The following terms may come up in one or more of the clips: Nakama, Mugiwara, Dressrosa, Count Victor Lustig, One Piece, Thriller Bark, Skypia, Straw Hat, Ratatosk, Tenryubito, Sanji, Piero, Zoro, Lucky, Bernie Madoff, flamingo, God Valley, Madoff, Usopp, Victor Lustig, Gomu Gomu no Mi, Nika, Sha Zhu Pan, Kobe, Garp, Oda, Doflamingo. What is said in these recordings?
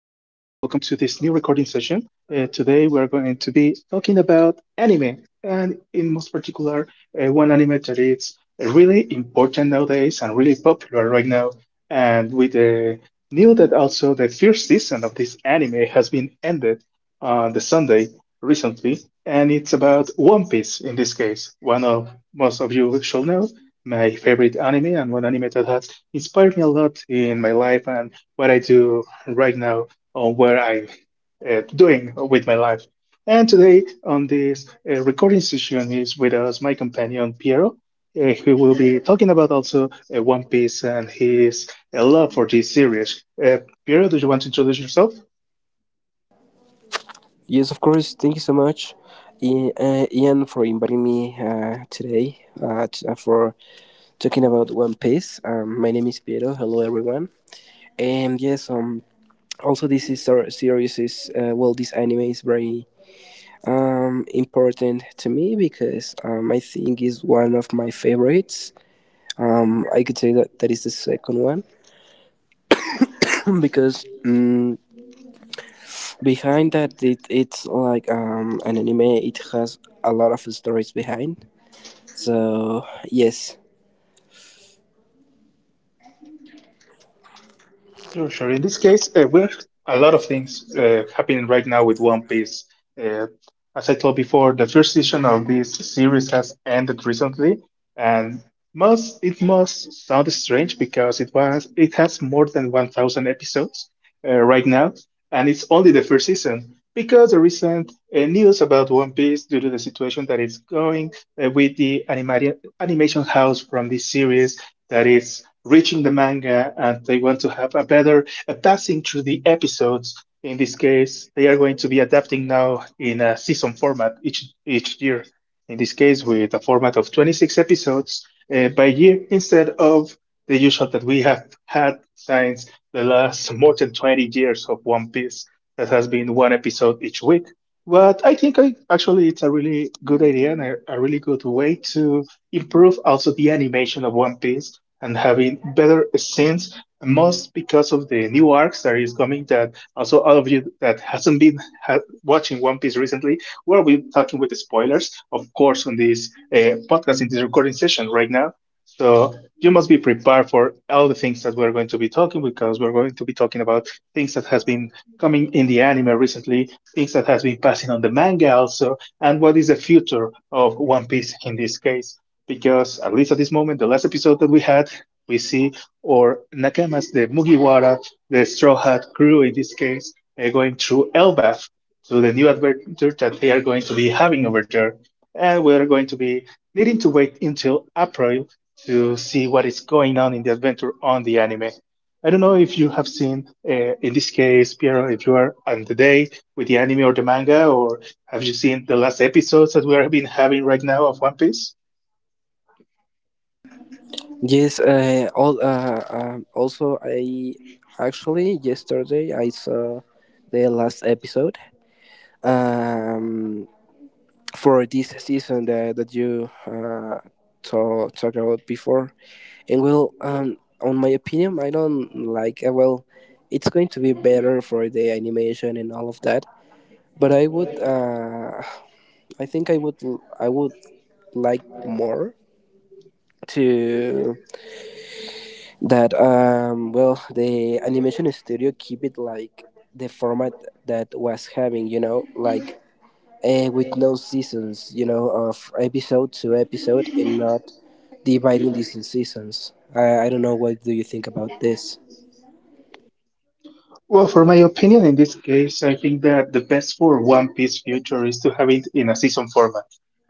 to this new recording session. Today, we're going to be talking about anime, and in most particular, one anime that is really important nowadays and really popular right now. And with the new that also the first season of this anime has been ended on the Sunday recently, and it's about One Piece in this case. One of most of you shall know my favorite anime and one anime that has inspired me a lot in my life and what I do right now on what I'm doing with my life. And today on this recording session is with us my companion Piero, who will be talking about also One Piece and his love for this series. Piero, do you want to introduce yourself? Yes, of course. Thank you so much, Ian, for inviting me today, for talking about One Piece. My name is Piero. Hello, everyone. And yes, also this is our series is well, this anime is very important to me because I think is one of my favorites. I could say that is the second one because behind that it's like an anime. It has a lot of stories behind. So yes, Sure, sure. In this case, we're a lot of things happening right now with One Piece. Uh, as I told before, the first season of this series has ended recently, and must it must sound strange because it has more than 1,000 episodes right now, and it's only the first season. Because the recent news about One Piece, due to the situation that it's going with the animation house from this series, that is reaching the manga and they want to have a better a passing through the episodes. In this case, they are going to be adapting now in a season format each year. In this case, with a format of 26 episodes by year instead of the usual that we have had since the last more than 20 years of One Piece that has been one episode each week. But actually it's a really good idea and a really good way to improve also the animation of One Piece and having better scenes, most because of the new arcs that is coming. That also all of you that hasn't been watching One Piece recently, we'll be talking with spoilers, of course, on this podcast in this recording session right now. So you must be prepared for all the things that we're going to be talking because we're going to be talking about things that has been coming in the anime recently, things that has been passing on the manga also, and what is the future of One Piece in this case because at least at this moment, the last episode that we had, we see or Nakamas, the Mugiwara, the Straw Hat crew in this case, going through Elbaf to the new adventure that they are going to be having over there. And we are going to be needing to wait until April to see what is going on in the adventure on the anime. I don't know if you have seen, in this case, Piero, if you are on the day with the anime or the manga, or have you seen the last episodes that we have been having right now of One Piece? yes. All, also, I Actually yesterday I saw the last episode, um, for this season that you talk about before. And well, on my opinion, I don't like. Well, it's going to be better for the animation and all of that. But I would, I think I would like more to. That well, the animation studio keep it like the format that was having, you know, like with no seasons, you know, of episode to episode and not dividing this in seasons. I don't know what do you think about this. Well, for my opinion, in this case, I think that the best for One Piece future is to have it in a season format.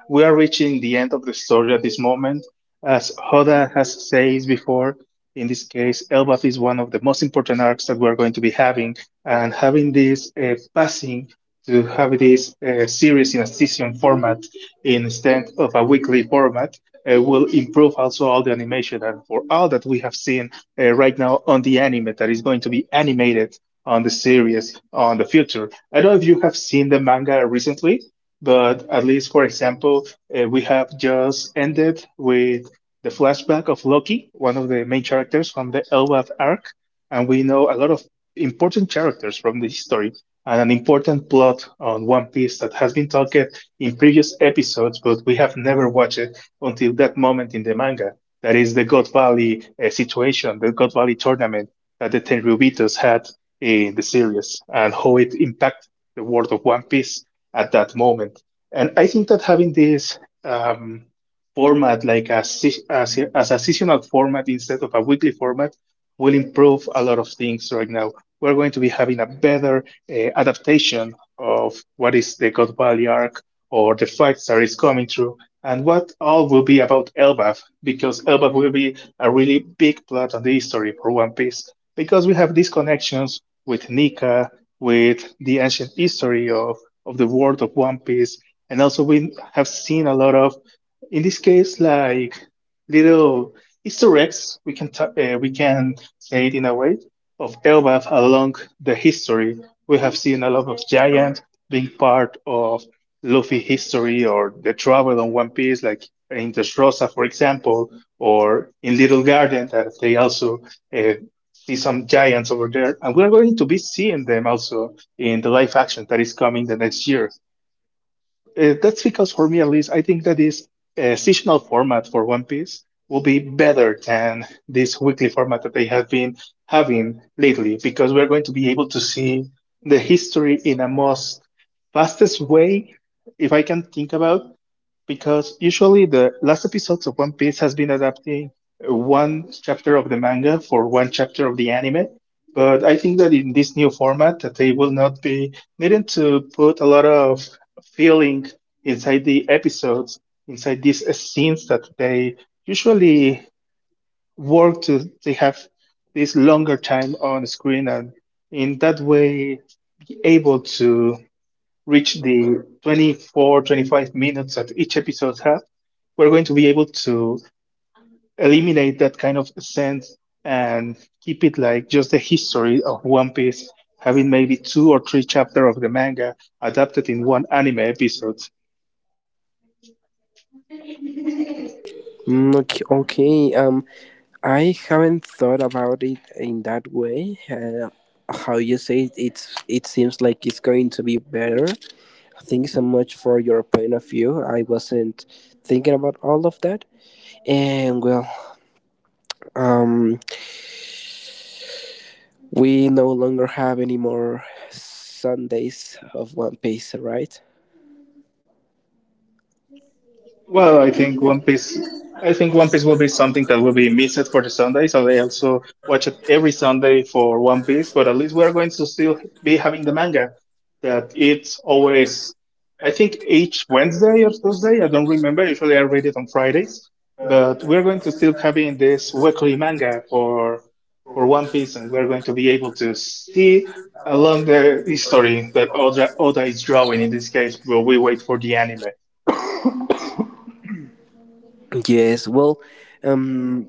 We are reaching the end of the story at this moment. As Hoda has said before, in this case, Elbaf is one of the most important arcs that we're going to be having, and having this passing to have this series in a season format instead of a weekly format will improve also all the animation and for all that we have seen right now on the anime that is going to be animated on the series on the future. I don't know if you have seen the manga recently, but at least, for example, we have just ended with the flashback of Loki, one of the main characters from the Elweth arc, and we know a lot of important characters from the history and an important plot on One Piece that has been talked in previous episodes, but we have never watched it until that moment in the manga. That is the God Valley situation, the God Valley tournament that the Tenryubitos had in the series and how it impacted the world of One Piece at that moment. And I think that having this um, format, like a, se- as a seasonal format instead of a weekly format, will improve a lot of things right now. We're going to be having a better adaptation of what is the God Valley arc or the fights that is coming through, and what all will be about Elbaf, because Elbaf will be a really big plot on the history for One Piece, because we have these connections with Nika, with the ancient history of the world of One Piece. And also, we have seen a lot of, in this case, like little Easter eggs, we can say it in a way, of Elbaf along the history. We have seen a lot of giants being part of Luffy history or the travel on One Piece, like in the Dressrosa, for example, or in Little Garden, that they also uh, see some giants over there, and we're going to be seeing them also in the live action that is coming the next year. That's because for me at least, I think that this seasonal format for One Piece will be better than this weekly format that they have been having lately, because we're going to be able to see the history in a most fastest way, if I can think about, because usually the last episodes of One Piece has been adapting one chapter of the manga for one chapter of the anime. But I think that in this new format, that they will not be needing to put a lot of feeling inside the episodes, inside these scenes that they usually work to. They have this longer time on screen, and in that way, able to reach the 24, 25 minutes that each episode has, we're going to be able to eliminate that kind of sense and keep it like just the history of One Piece, having maybe two or three chapters of the manga adapted in one anime episode. Okay, I haven't thought about it in that way. How you say it, it's, it seems like it's going to be better. Thanks so much for your point of view. I wasn't thinking about all of that. And well, um, we no longer have any more Sundays of One Piece, right? Well, I think One Piece. I think One Piece will be something that will be missed for the Sunday, so they also watch it every Sunday for One Piece. But at least we are going to still be having the manga. That it's always, I think each Wednesday or Thursday. I don't remember. Usually I read it on Fridays, but we're going to still having this weekly manga for One Piece, and we're going to be able to see along the history that Oda is drawing in this case, while we wait for the anime. Yes, well, um,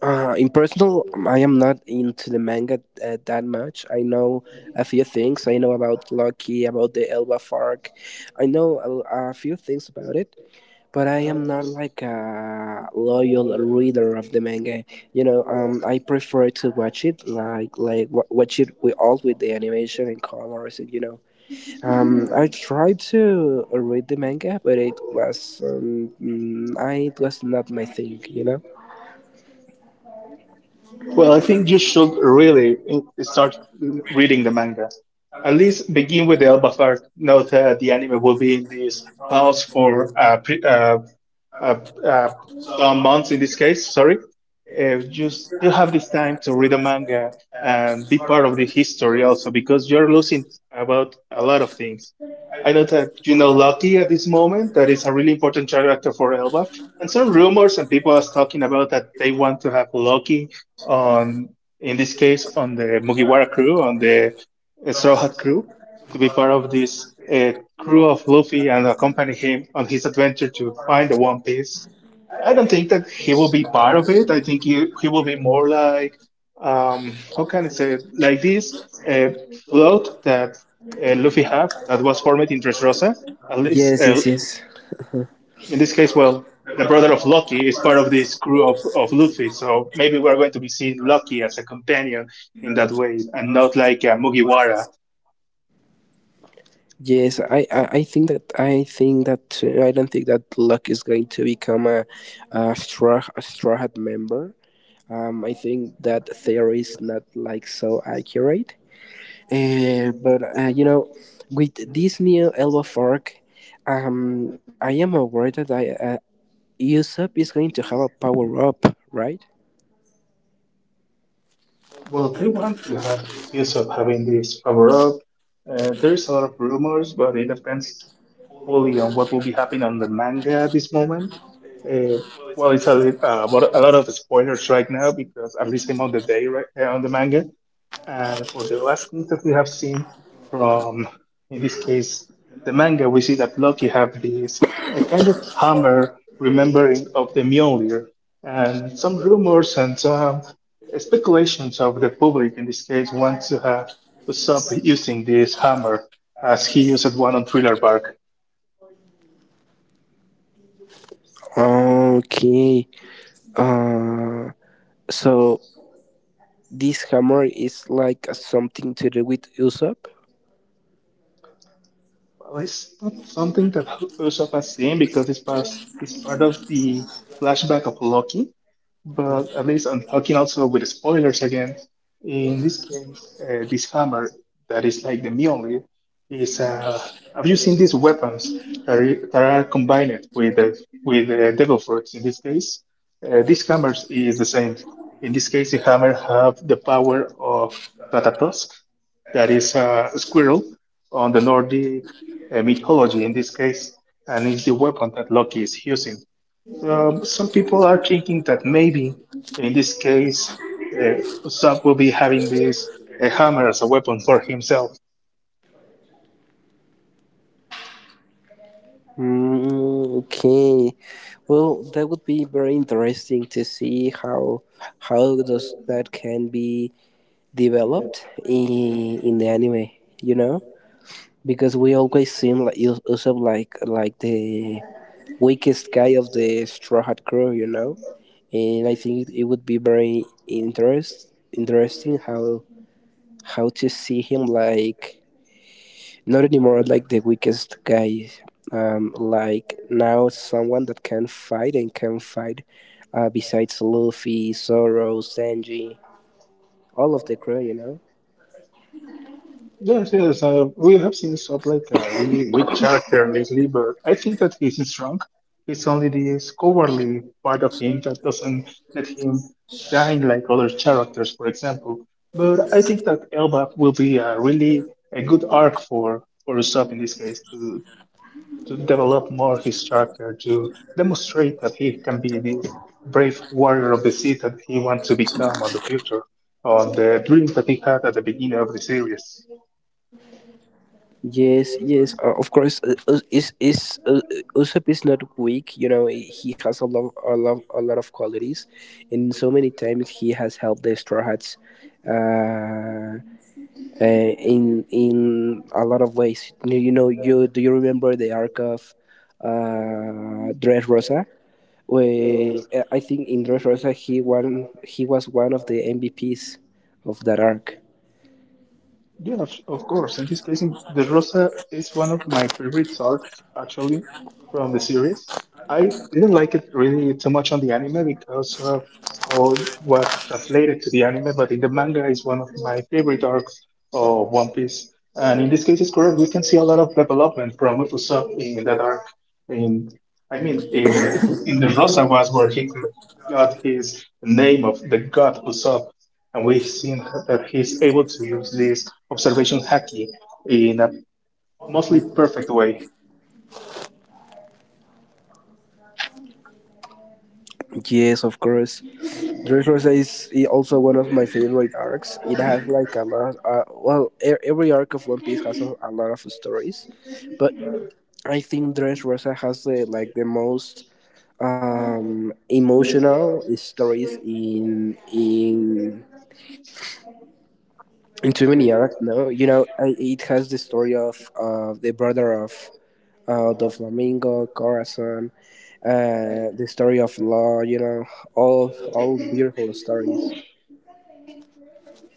in personal, I am not into the manga that much. I know a few things. I know about Lucky, about the Elba Fark. I know a few things about it, but I am not like a loyal reader of the manga. You know, I prefer to watch it like watch it with all with the animation and colors. And, you know, I tried to read the manga, but it was mm, I it was not my thing. You know. Well, I think you should really start reading the manga. At least begin with the Alba Fire. Note that the anime will be in this pause for uh, uh, some months in this case, sorry, you still have this time to read a manga and be part of the history also because you're losing about a lot of things. I know that you know Loki at this moment, that is a really important character for Elbaf, and some rumors and people are talking about that they want to have Loki on, in this case, on the Mugiwara crew, on the Straw Hat crew to be part of this crew of Luffy and accompany him on his adventure to find the One Piece. I don't think that he will be part of it. I think he will be more like, how can I say, it? Like this uh, float that Luffy have that was formed in Dressrosa. At least Yes, yes, yes. in this case, well, the brother of Lucky is part of this crew of Luffy, so maybe we're going to be seeing Lucky as a companion in that way, and not like a Mugiwara. Yes, I think that I think that, I don't think that Luck is going to become a straw hat member. I think that theory is not like so accurate. But you know, with this new Elba fork, um, I am aware that I Usopp is going to have a power up, right? Well, they want to have use of having this power up. There's a lot of rumors, but it depends fully on what will be happening on the manga at this moment. Uh, well, but a lot of spoilers right now because at least I'm on the day right on the manga. And for the last thing that we have seen from, in this case, the manga, we see that Loki have this a kind of hammer remembering of the Mjolnir, and some rumors and some speculations of the public in this case want to have Usopp using this hammer as he used one on Thriller Bark. Okay. Uh, so this hammer is like something to do with Usopp. Well, it's not something that Usopp has seen because it's part of the flashback of Loki. But at least I'm talking also with spoilers again. In this case, this hammer that is like the Mjolnir is. Have you seen these weapons that are combined with the devil fruits? In this case, this hammer is the same. In this case, the hammer have the power of Ratatosk, that is a squirrel on the Nordic mythology in this case, and is the weapon that Loki is using. Some people are thinking that maybe in this case, uh, Usopp will be having this a hammer as a weapon for himself. Okay. Well, that would be very interesting to see how does that can be developed in the anime, you know, because we always seen like Usopp like the weakest guy of the Straw Hat crew, you know, and I think it would be very interest interesting how to see him like not anymore like the weakest guy, like now someone that can fight and can fight, besides Luffy, Zoro, Sanji, all of the crew, you know. Yes, yes, we have seen Usopp like a really weak character lately, but I think that he's strong. It's only this cowardly part of him that doesn't let him shine like other characters, for example. But I think that Elbaf will be a really a good arc for Usopp in this case to develop more his character, to demonstrate that he can be this brave warrior of the sea that he wants to become in the future, or the dreams that he had at the beginning of the series. Yes, yes, of course. Us- is Usopp is not weak. You know, he has a lot of qualities, and so many times he has helped the Straw Hats, uh, in a lot of ways. You know, you remember the arc of, Dressrosa? Where I think in Dressrosa he won, he was one of the MVPs of that arc. Yeah, of course. In this case, in the Rosa is one of my favorite arcs actually from the series. I didn't like it really too much on the anime because of how it was translated to the anime, but in the manga is one of my favorite arcs of One Piece. And in this case, it's correct. We can see a lot of development from Usopp in that arc. In I mean, in the Rosa was where he got his name of the god Usopp and we've seen that he's able to use this observation hacking in a mostly perfect way. Yes, of course. Dress Rosa is also one of my favorite arcs. It has like a lot. Well, every arc of One Piece has a lot of stories, but I think Dress Rosa has the, like the most emotional stories in too many arcs. No, you know, it has the story of the brother of Doflamingo, Corazon, the story of Law. You know, all beautiful stories.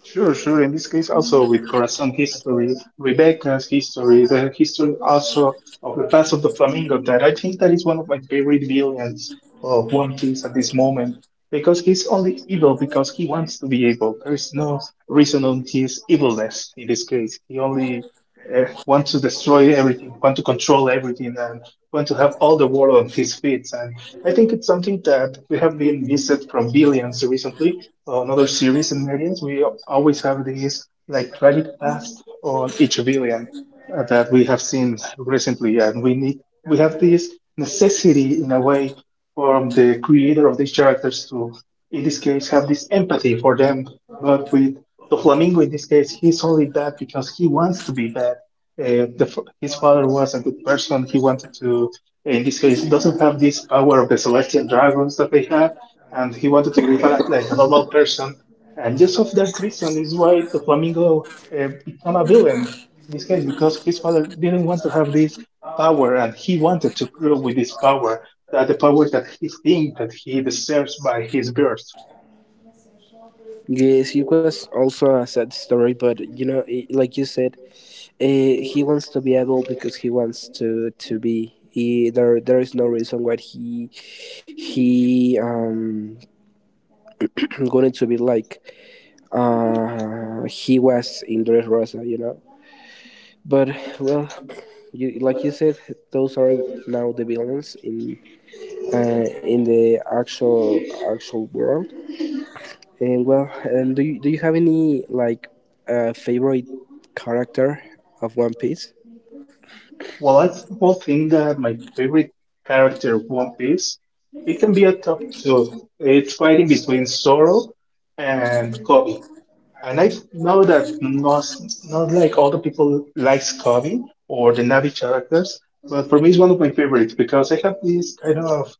Sure, sure. In this case, also with Khorasan history, Rebecca's history, the history also of the past of the flamingo, that I think that is one of my favorite villains of One Piece at this moment, because he's only evil because he wants to be evil. There is no reason on his evilness in this case. He only wants to destroy everything, want to control everything, and want to have all the world on his feet. And I think it's something that we have been missed from villains recently another series in medias, we always have these like tragic past on each villain that we have seen recently, yeah. And we need we have this necessity in a way from the creator of these characters to, in this case, have this empathy for them. But with the flamingo, in this case, he's only bad because he wants to be bad. His father was a good person. He wanted to, in this case, doesn't have this power of the celestial dragons that they have and he wanted to live a, like a normal person. And just of that reason is why the flamingo became a villain in this case because his father didn't want to have this power and he wanted to grow with this power, that the power that he thinks that he deserves by his birth. Yes, he was also a sad story, but you know, like you said, he wants to be able because he wants to be. There is no reason why he going to be like he was in Dress Rosa, you know. But well, you, like you said, those are now the villains in, in the actual actual world. And well, do you have any like favorite character of One Piece? Well, I will think that my favorite character One Piece, it can be a top two. It's fighting between Zoro and Kobe. And I know that not, not like all the people likes Kobe or the Navi characters, but for me it's one of my favorites because I have this kind of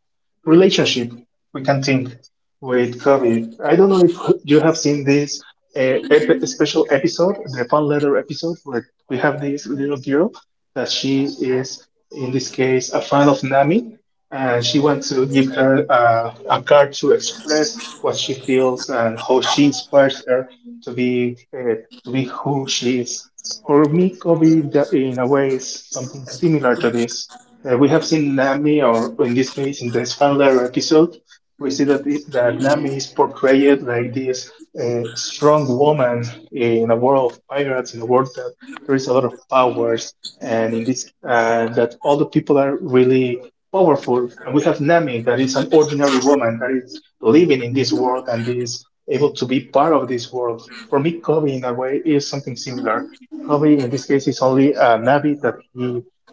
relationship we can think with Kobe. I don't know if you have seen this uh, special episode, the fan letter episode, where we have this little girl that she is in this case a fan of Nami, and she wants to give her a card to express what she feels and how she inspires her to be to be who she is. For me, Kobe, that in a way, is something similar to this. We have seen Nami, or in this case, in the Spandler episode, we see that it, that Nami is portrayed like this strong woman in a world of pirates, in a world that there is a lot of powers, and in this that all the people are really powerful and we have Nami that is an ordinary woman that is living in this world and is able to be part of this world. For me, Kobe in a way is something similar. Kobe in this case is only a Navi that he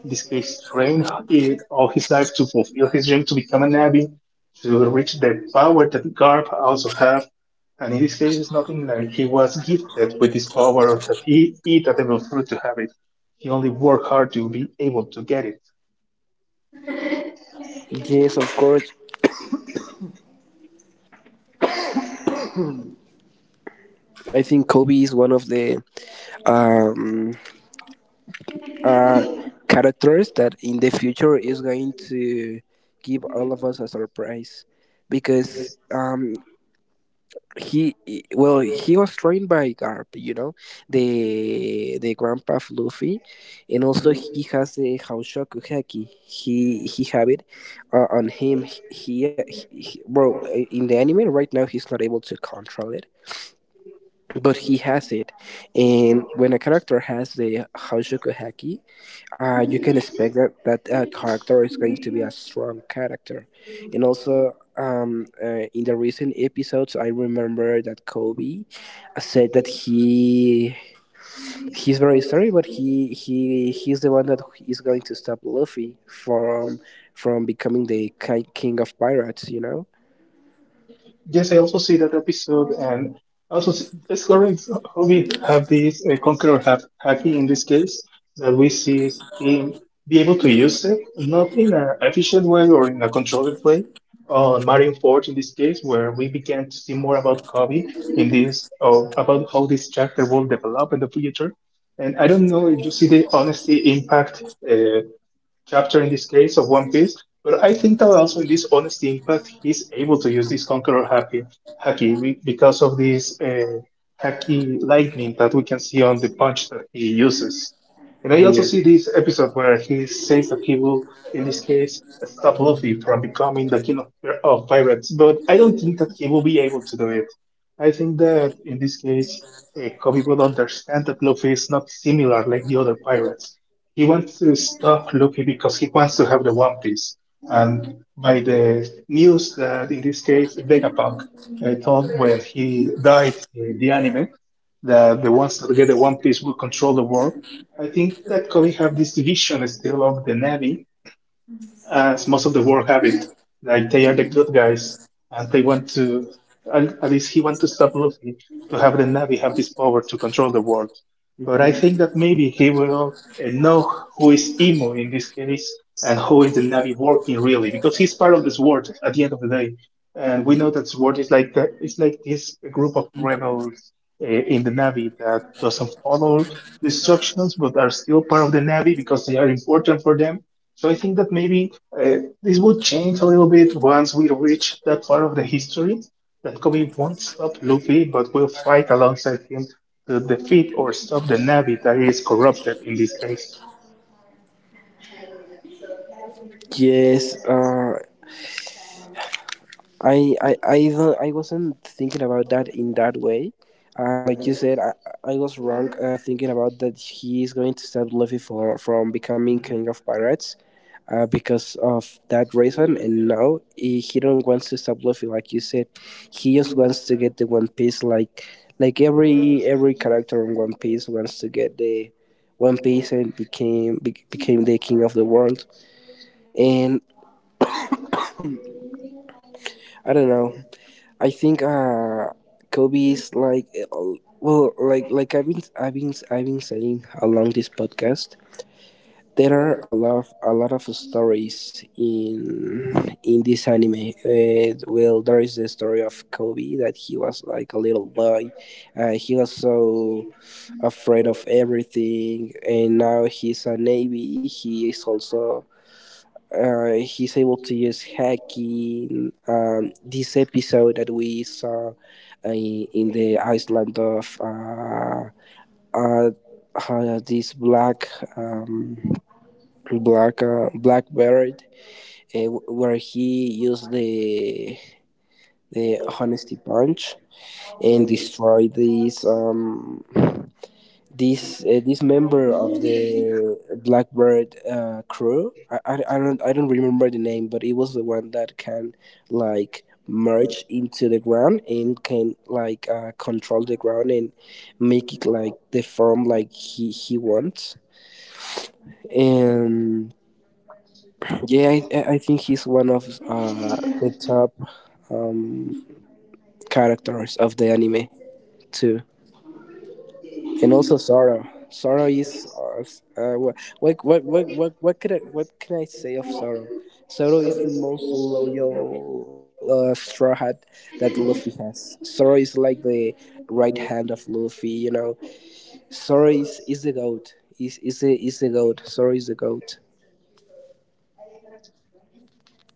in this case trained all his life to fulfill his dream to become a Navi, to reach the power that Garp also have. And in this case it's nothing like he was gifted with this power, that he eat a devil fruit to have it. You only work hard to be able to get it. Yes, of course. I think Kobe is one of the um, uh, characters that in the future is going to give all of us a surprise because well, he was trained by Garp, you know, the grandpa of Luffy, and also he has the Haushoku Heki. He have it on him. He well, in the anime right now he's not able to control it, but he has it. And when a character has the Hoshoku Haki, you can expect that character is going to be a strong character. And also in the recent episodes I remember that Kobe said that he's very sorry, but he's the one that is going to stop Luffy from becoming the king of pirates, you know. Yes, I also see that episode, and also see, that's correct. How we have this conqueror hacking in this case that we see is him be able to use it not in an efficient way or in a controlled way. On Marion Forge, in this case, where we began to see more about Kobe in this, or about how this character will develop in the future. And I don't know if you see the honesty impact uh, chapter in this case of One Piece. But I think that also in this honesty impact, he's able to use this conqueror Haki, haki because of this hacky lightning that we can see on the punch that he uses. And I also Yeah. see this episode where he says that he will, in this case, stop Luffy from becoming the king of pirates. But I don't think that he will be able to do it. I think that in this case, Kobe will understand that Luffy is not similar like the other pirates. He wants to stop Luffy because he wants to have the One Piece. And by the news that in this case Vegapunk told when he died in the anime, that the ones that get the One Piece will control the world. I think that could have this vision still of the Navy as most of the world have it. Like they are the good guys, and they want to. At least he want to stop Luffy to have the Navi have this power to control the world. But I think that maybe he will know who is Imo in this case and who is the Navi working really, because he's part of this world at the end of the day. And we know that sword is like the, it's like this group of rebels in the Navy that doesn't follow the instructions, but are still part of the Navy because they are important for them. So I think that maybe uh, this would change a little bit once we reach that part of the history, that Kobe won't stop Luffy, but will fight alongside him to defeat or stop the Na'vi that is corrupted in this case. Yes, I wasn't thinking about that in that way. Like you said, I was wrong thinking about that he is going to stop Luffy from becoming king of pirates, because of that reason. And now he don't wants to stop Luffy, like you said. He just wants to get the One Piece, like every character in One Piece wants to get the One Piece and became the king of the world. And I don't know. I think Kobe is like well, like I've been saying along this podcast. There are a lot of stories in this anime. Well, there is the story of Kobe that he was like a little boy. He was so afraid of everything, and now he's a navy. He is also he's able to use hacking. This episode that we saw in the island of uh, this black, um, black bird, where he used the honesty punch and destroyed this. This this member of the Blackbird crew. I don't remember the name, but it was the one that can like merge into the ground and can like control the ground and make it like the form like he wants. And yeah, I think he's one of the top um, characters of the anime too. And also sorrow. Sorrow is what, what can I say of sorrow? Sorrow is the most loyal straw hat that Luffy has. Sorrow is like the right hand of Luffy. You know, sorrow is the goat. Is the goat. Sorrow is the goat.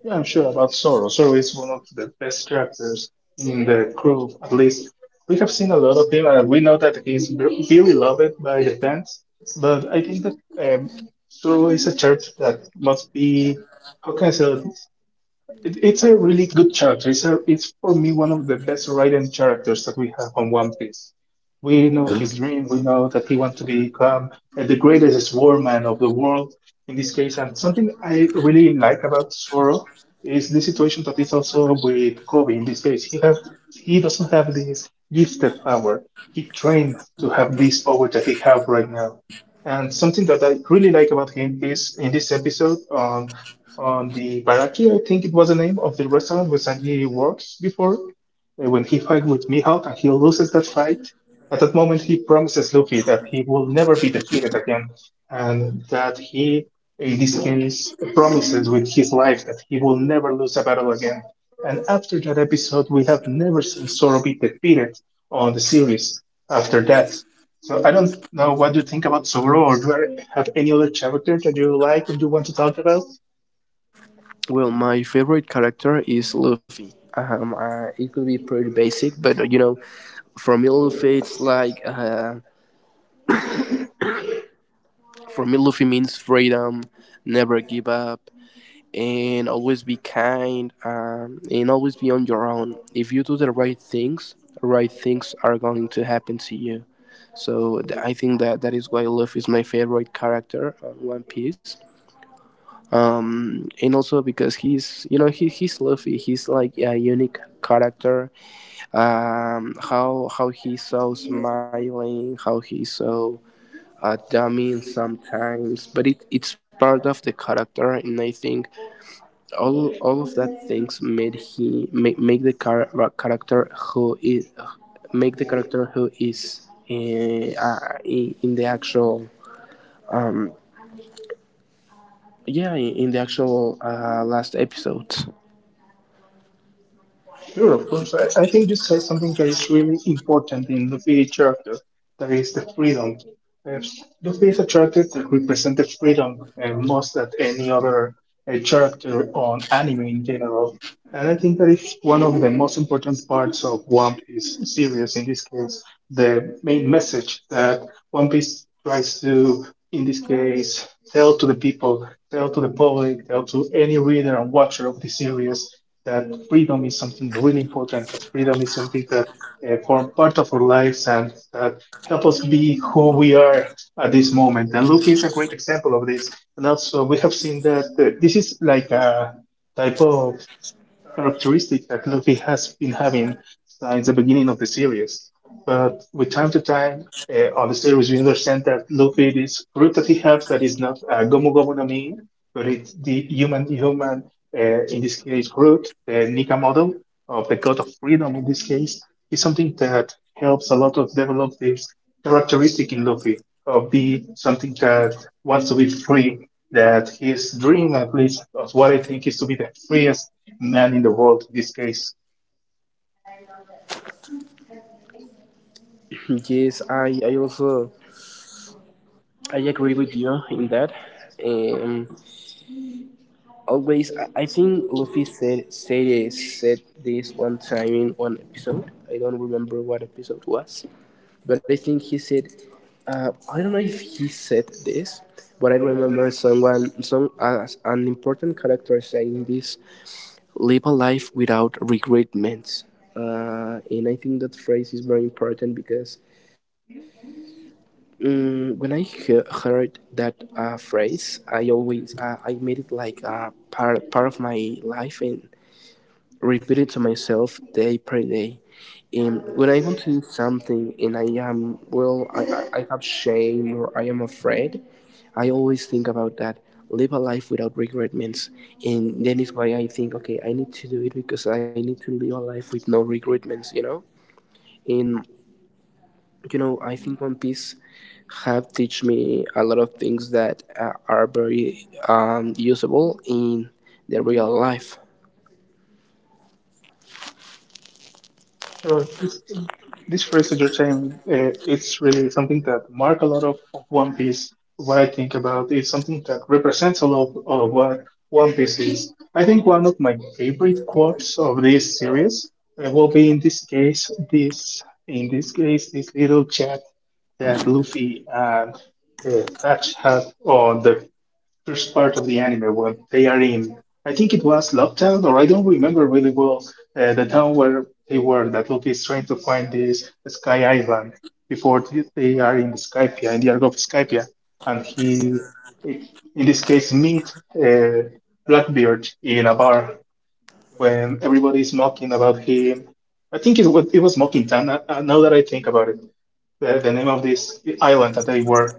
Yeah, I'm sure about Zoro. Zoro is one of the best characters in the crew, at least. We have seen a lot of him, and we know that he's really loved by the fans. But I think that Zoro is a character that must be, how can I say, it? It's a really good character. It's, a, it's for me one of the best written characters that we have on One Piece. We know his dream. We know that he wants to become the greatest warman of the world in this case. And something I really like about Zoro is the situation that is also with Kobe in this case. He have he doesn't have this gifted power. He trained to have this power that he have right now. And something that I really like about him is in this episode on the Baraki, I think it was the name of the restaurant where Sanji works before, when he fight with Mihawk and he loses that fight. At that moment, he promises Luffy that he will never be defeated again, and that he, in this case, promises with his life that he will never lose a battle again. And after that episode, we have never seen Zoro be defeated on the series after that. So I don't know what you think about Zoro, or do you have any other character that you like and you want to talk about? Well, my favorite character is Luffy. It could be pretty basic, but you know, for me, Luffy, it's like for me, Luffy means freedom, never give up, and always be kind, and always be on your own. If you do the right things, right things are going to happen to you, so I think that that is why Luffy is my favorite character on One Piece. And also because he's, you know, he's Luffy, he's like a unique character. How he's so smiling, how he's so dummy sometimes, but it, it's part of the character. And I think all of that things make the car character who is, make the character who is in the actual yeah in the actual last episode. Sure, of course. I think you said something that is really important in the PA charter, that is the freedom. Uh, The PA charter that represents the freedom most than any other charter on anime in general. And I think that is one of the most important parts of One Piece series, in this case, the main message that One Piece tries to, in this case, tell to the people, tell to the public, tell to any reader and watcher of the series that freedom is something really important, that freedom is something that form part of our lives and that help us be who we are at this moment. And Luffy is a great example of this. And also, we have seen that this is like a type of characteristic that Luffy has been having since the beginning of the series. But with time to time on the series, we understand that Luffy, this fruit that he has that is not Gomu Gomu no Mi, but it's the human human, in this case, fruit the Nika model of the God of Freedom in this case, is something that helps a lot of develop this characteristic in Luffy of the something that wants to be free that his dream, at least of what I think is to be the freest man in the world in this case. Yes, I also I agree with you in that. um, Always, I think Luffy said this one time in one episode. I don't remember what episode was, but I think he said. I don't know if he said this, but I remember someone, some, an important character saying this: "Live a life without regretments." And I think that phrase is very important because when I heard that phrase, I always, I made it like a part of my life and repeat it to myself day per day. And when I want to do something and I am well, I I have shame or I am afraid, I always think about that. Live a life without regretments, and then is why I think, okay, I need to do it because I need to live a life with no regretments, you know. And you know, I think One Piece have teach me a lot of things that are very usable in the real life. Sure. This phrase that you're saying, it's really something that mark a lot of One Piece. What I think about is something that represents a lot of what One Piece is. I think one of my favorite quotes of this series will be in this case, this in this case, this little chat Yeah, Luffy and Patch had on the first part of the anime when they are in, I think it was Love Town, or I don't remember really well the town where they were. That Luffy is trying to find this Sky Island before they are in Skypia, in the Argo of Skypia, and he, in this case, meet uh, Blackbeard in a bar when everybody is mocking about him. I think it was mocking time. Now that I think about it, the name of this island that they were.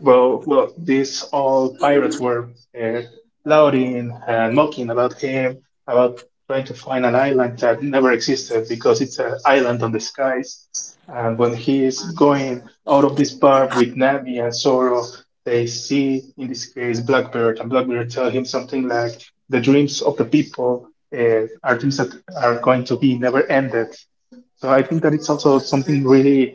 Well, well, these all pirates were uh, lauding and mocking about him, about trying to find an island that never existed because it's an island on the skies. And when he is going out of this bar with Navi and Sorrow, they see, in this case, Blackbird, and Blackbird tell him something like, "The dreams of the people are dreams that are going to be never ended," so I think that it's also something really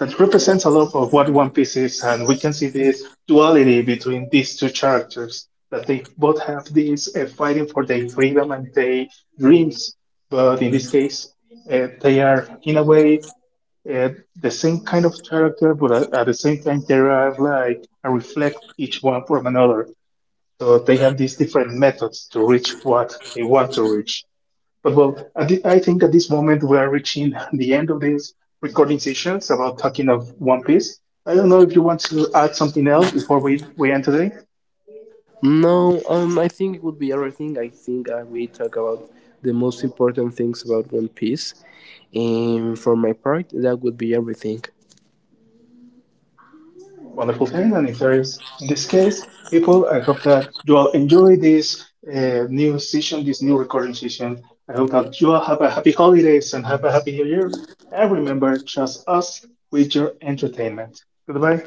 that represents a lot of what One Piece is, and we can see this duality between these two characters that they both have this fighting for their freedom and their dreams, but in this case, they are in a way uh, the same kind of character, but at the same time they are like a reflect each one from another. So they have these different methods to reach what they want to reach. But well, at I think at this moment we are reaching the end of this recording sessions about talking of One Piece. I don't know if you want to add something else before we end today. No, I think it would be everything. I think we talk about the most important things about One Piece, and for my part that would be everything. Wonderful thing. And if there is, in this case, people, I hope that you all enjoy this new session, this new recording session. I hope that you all have a happy holidays and have a happy new year. And remember, trust us with your entertainment. Goodbye.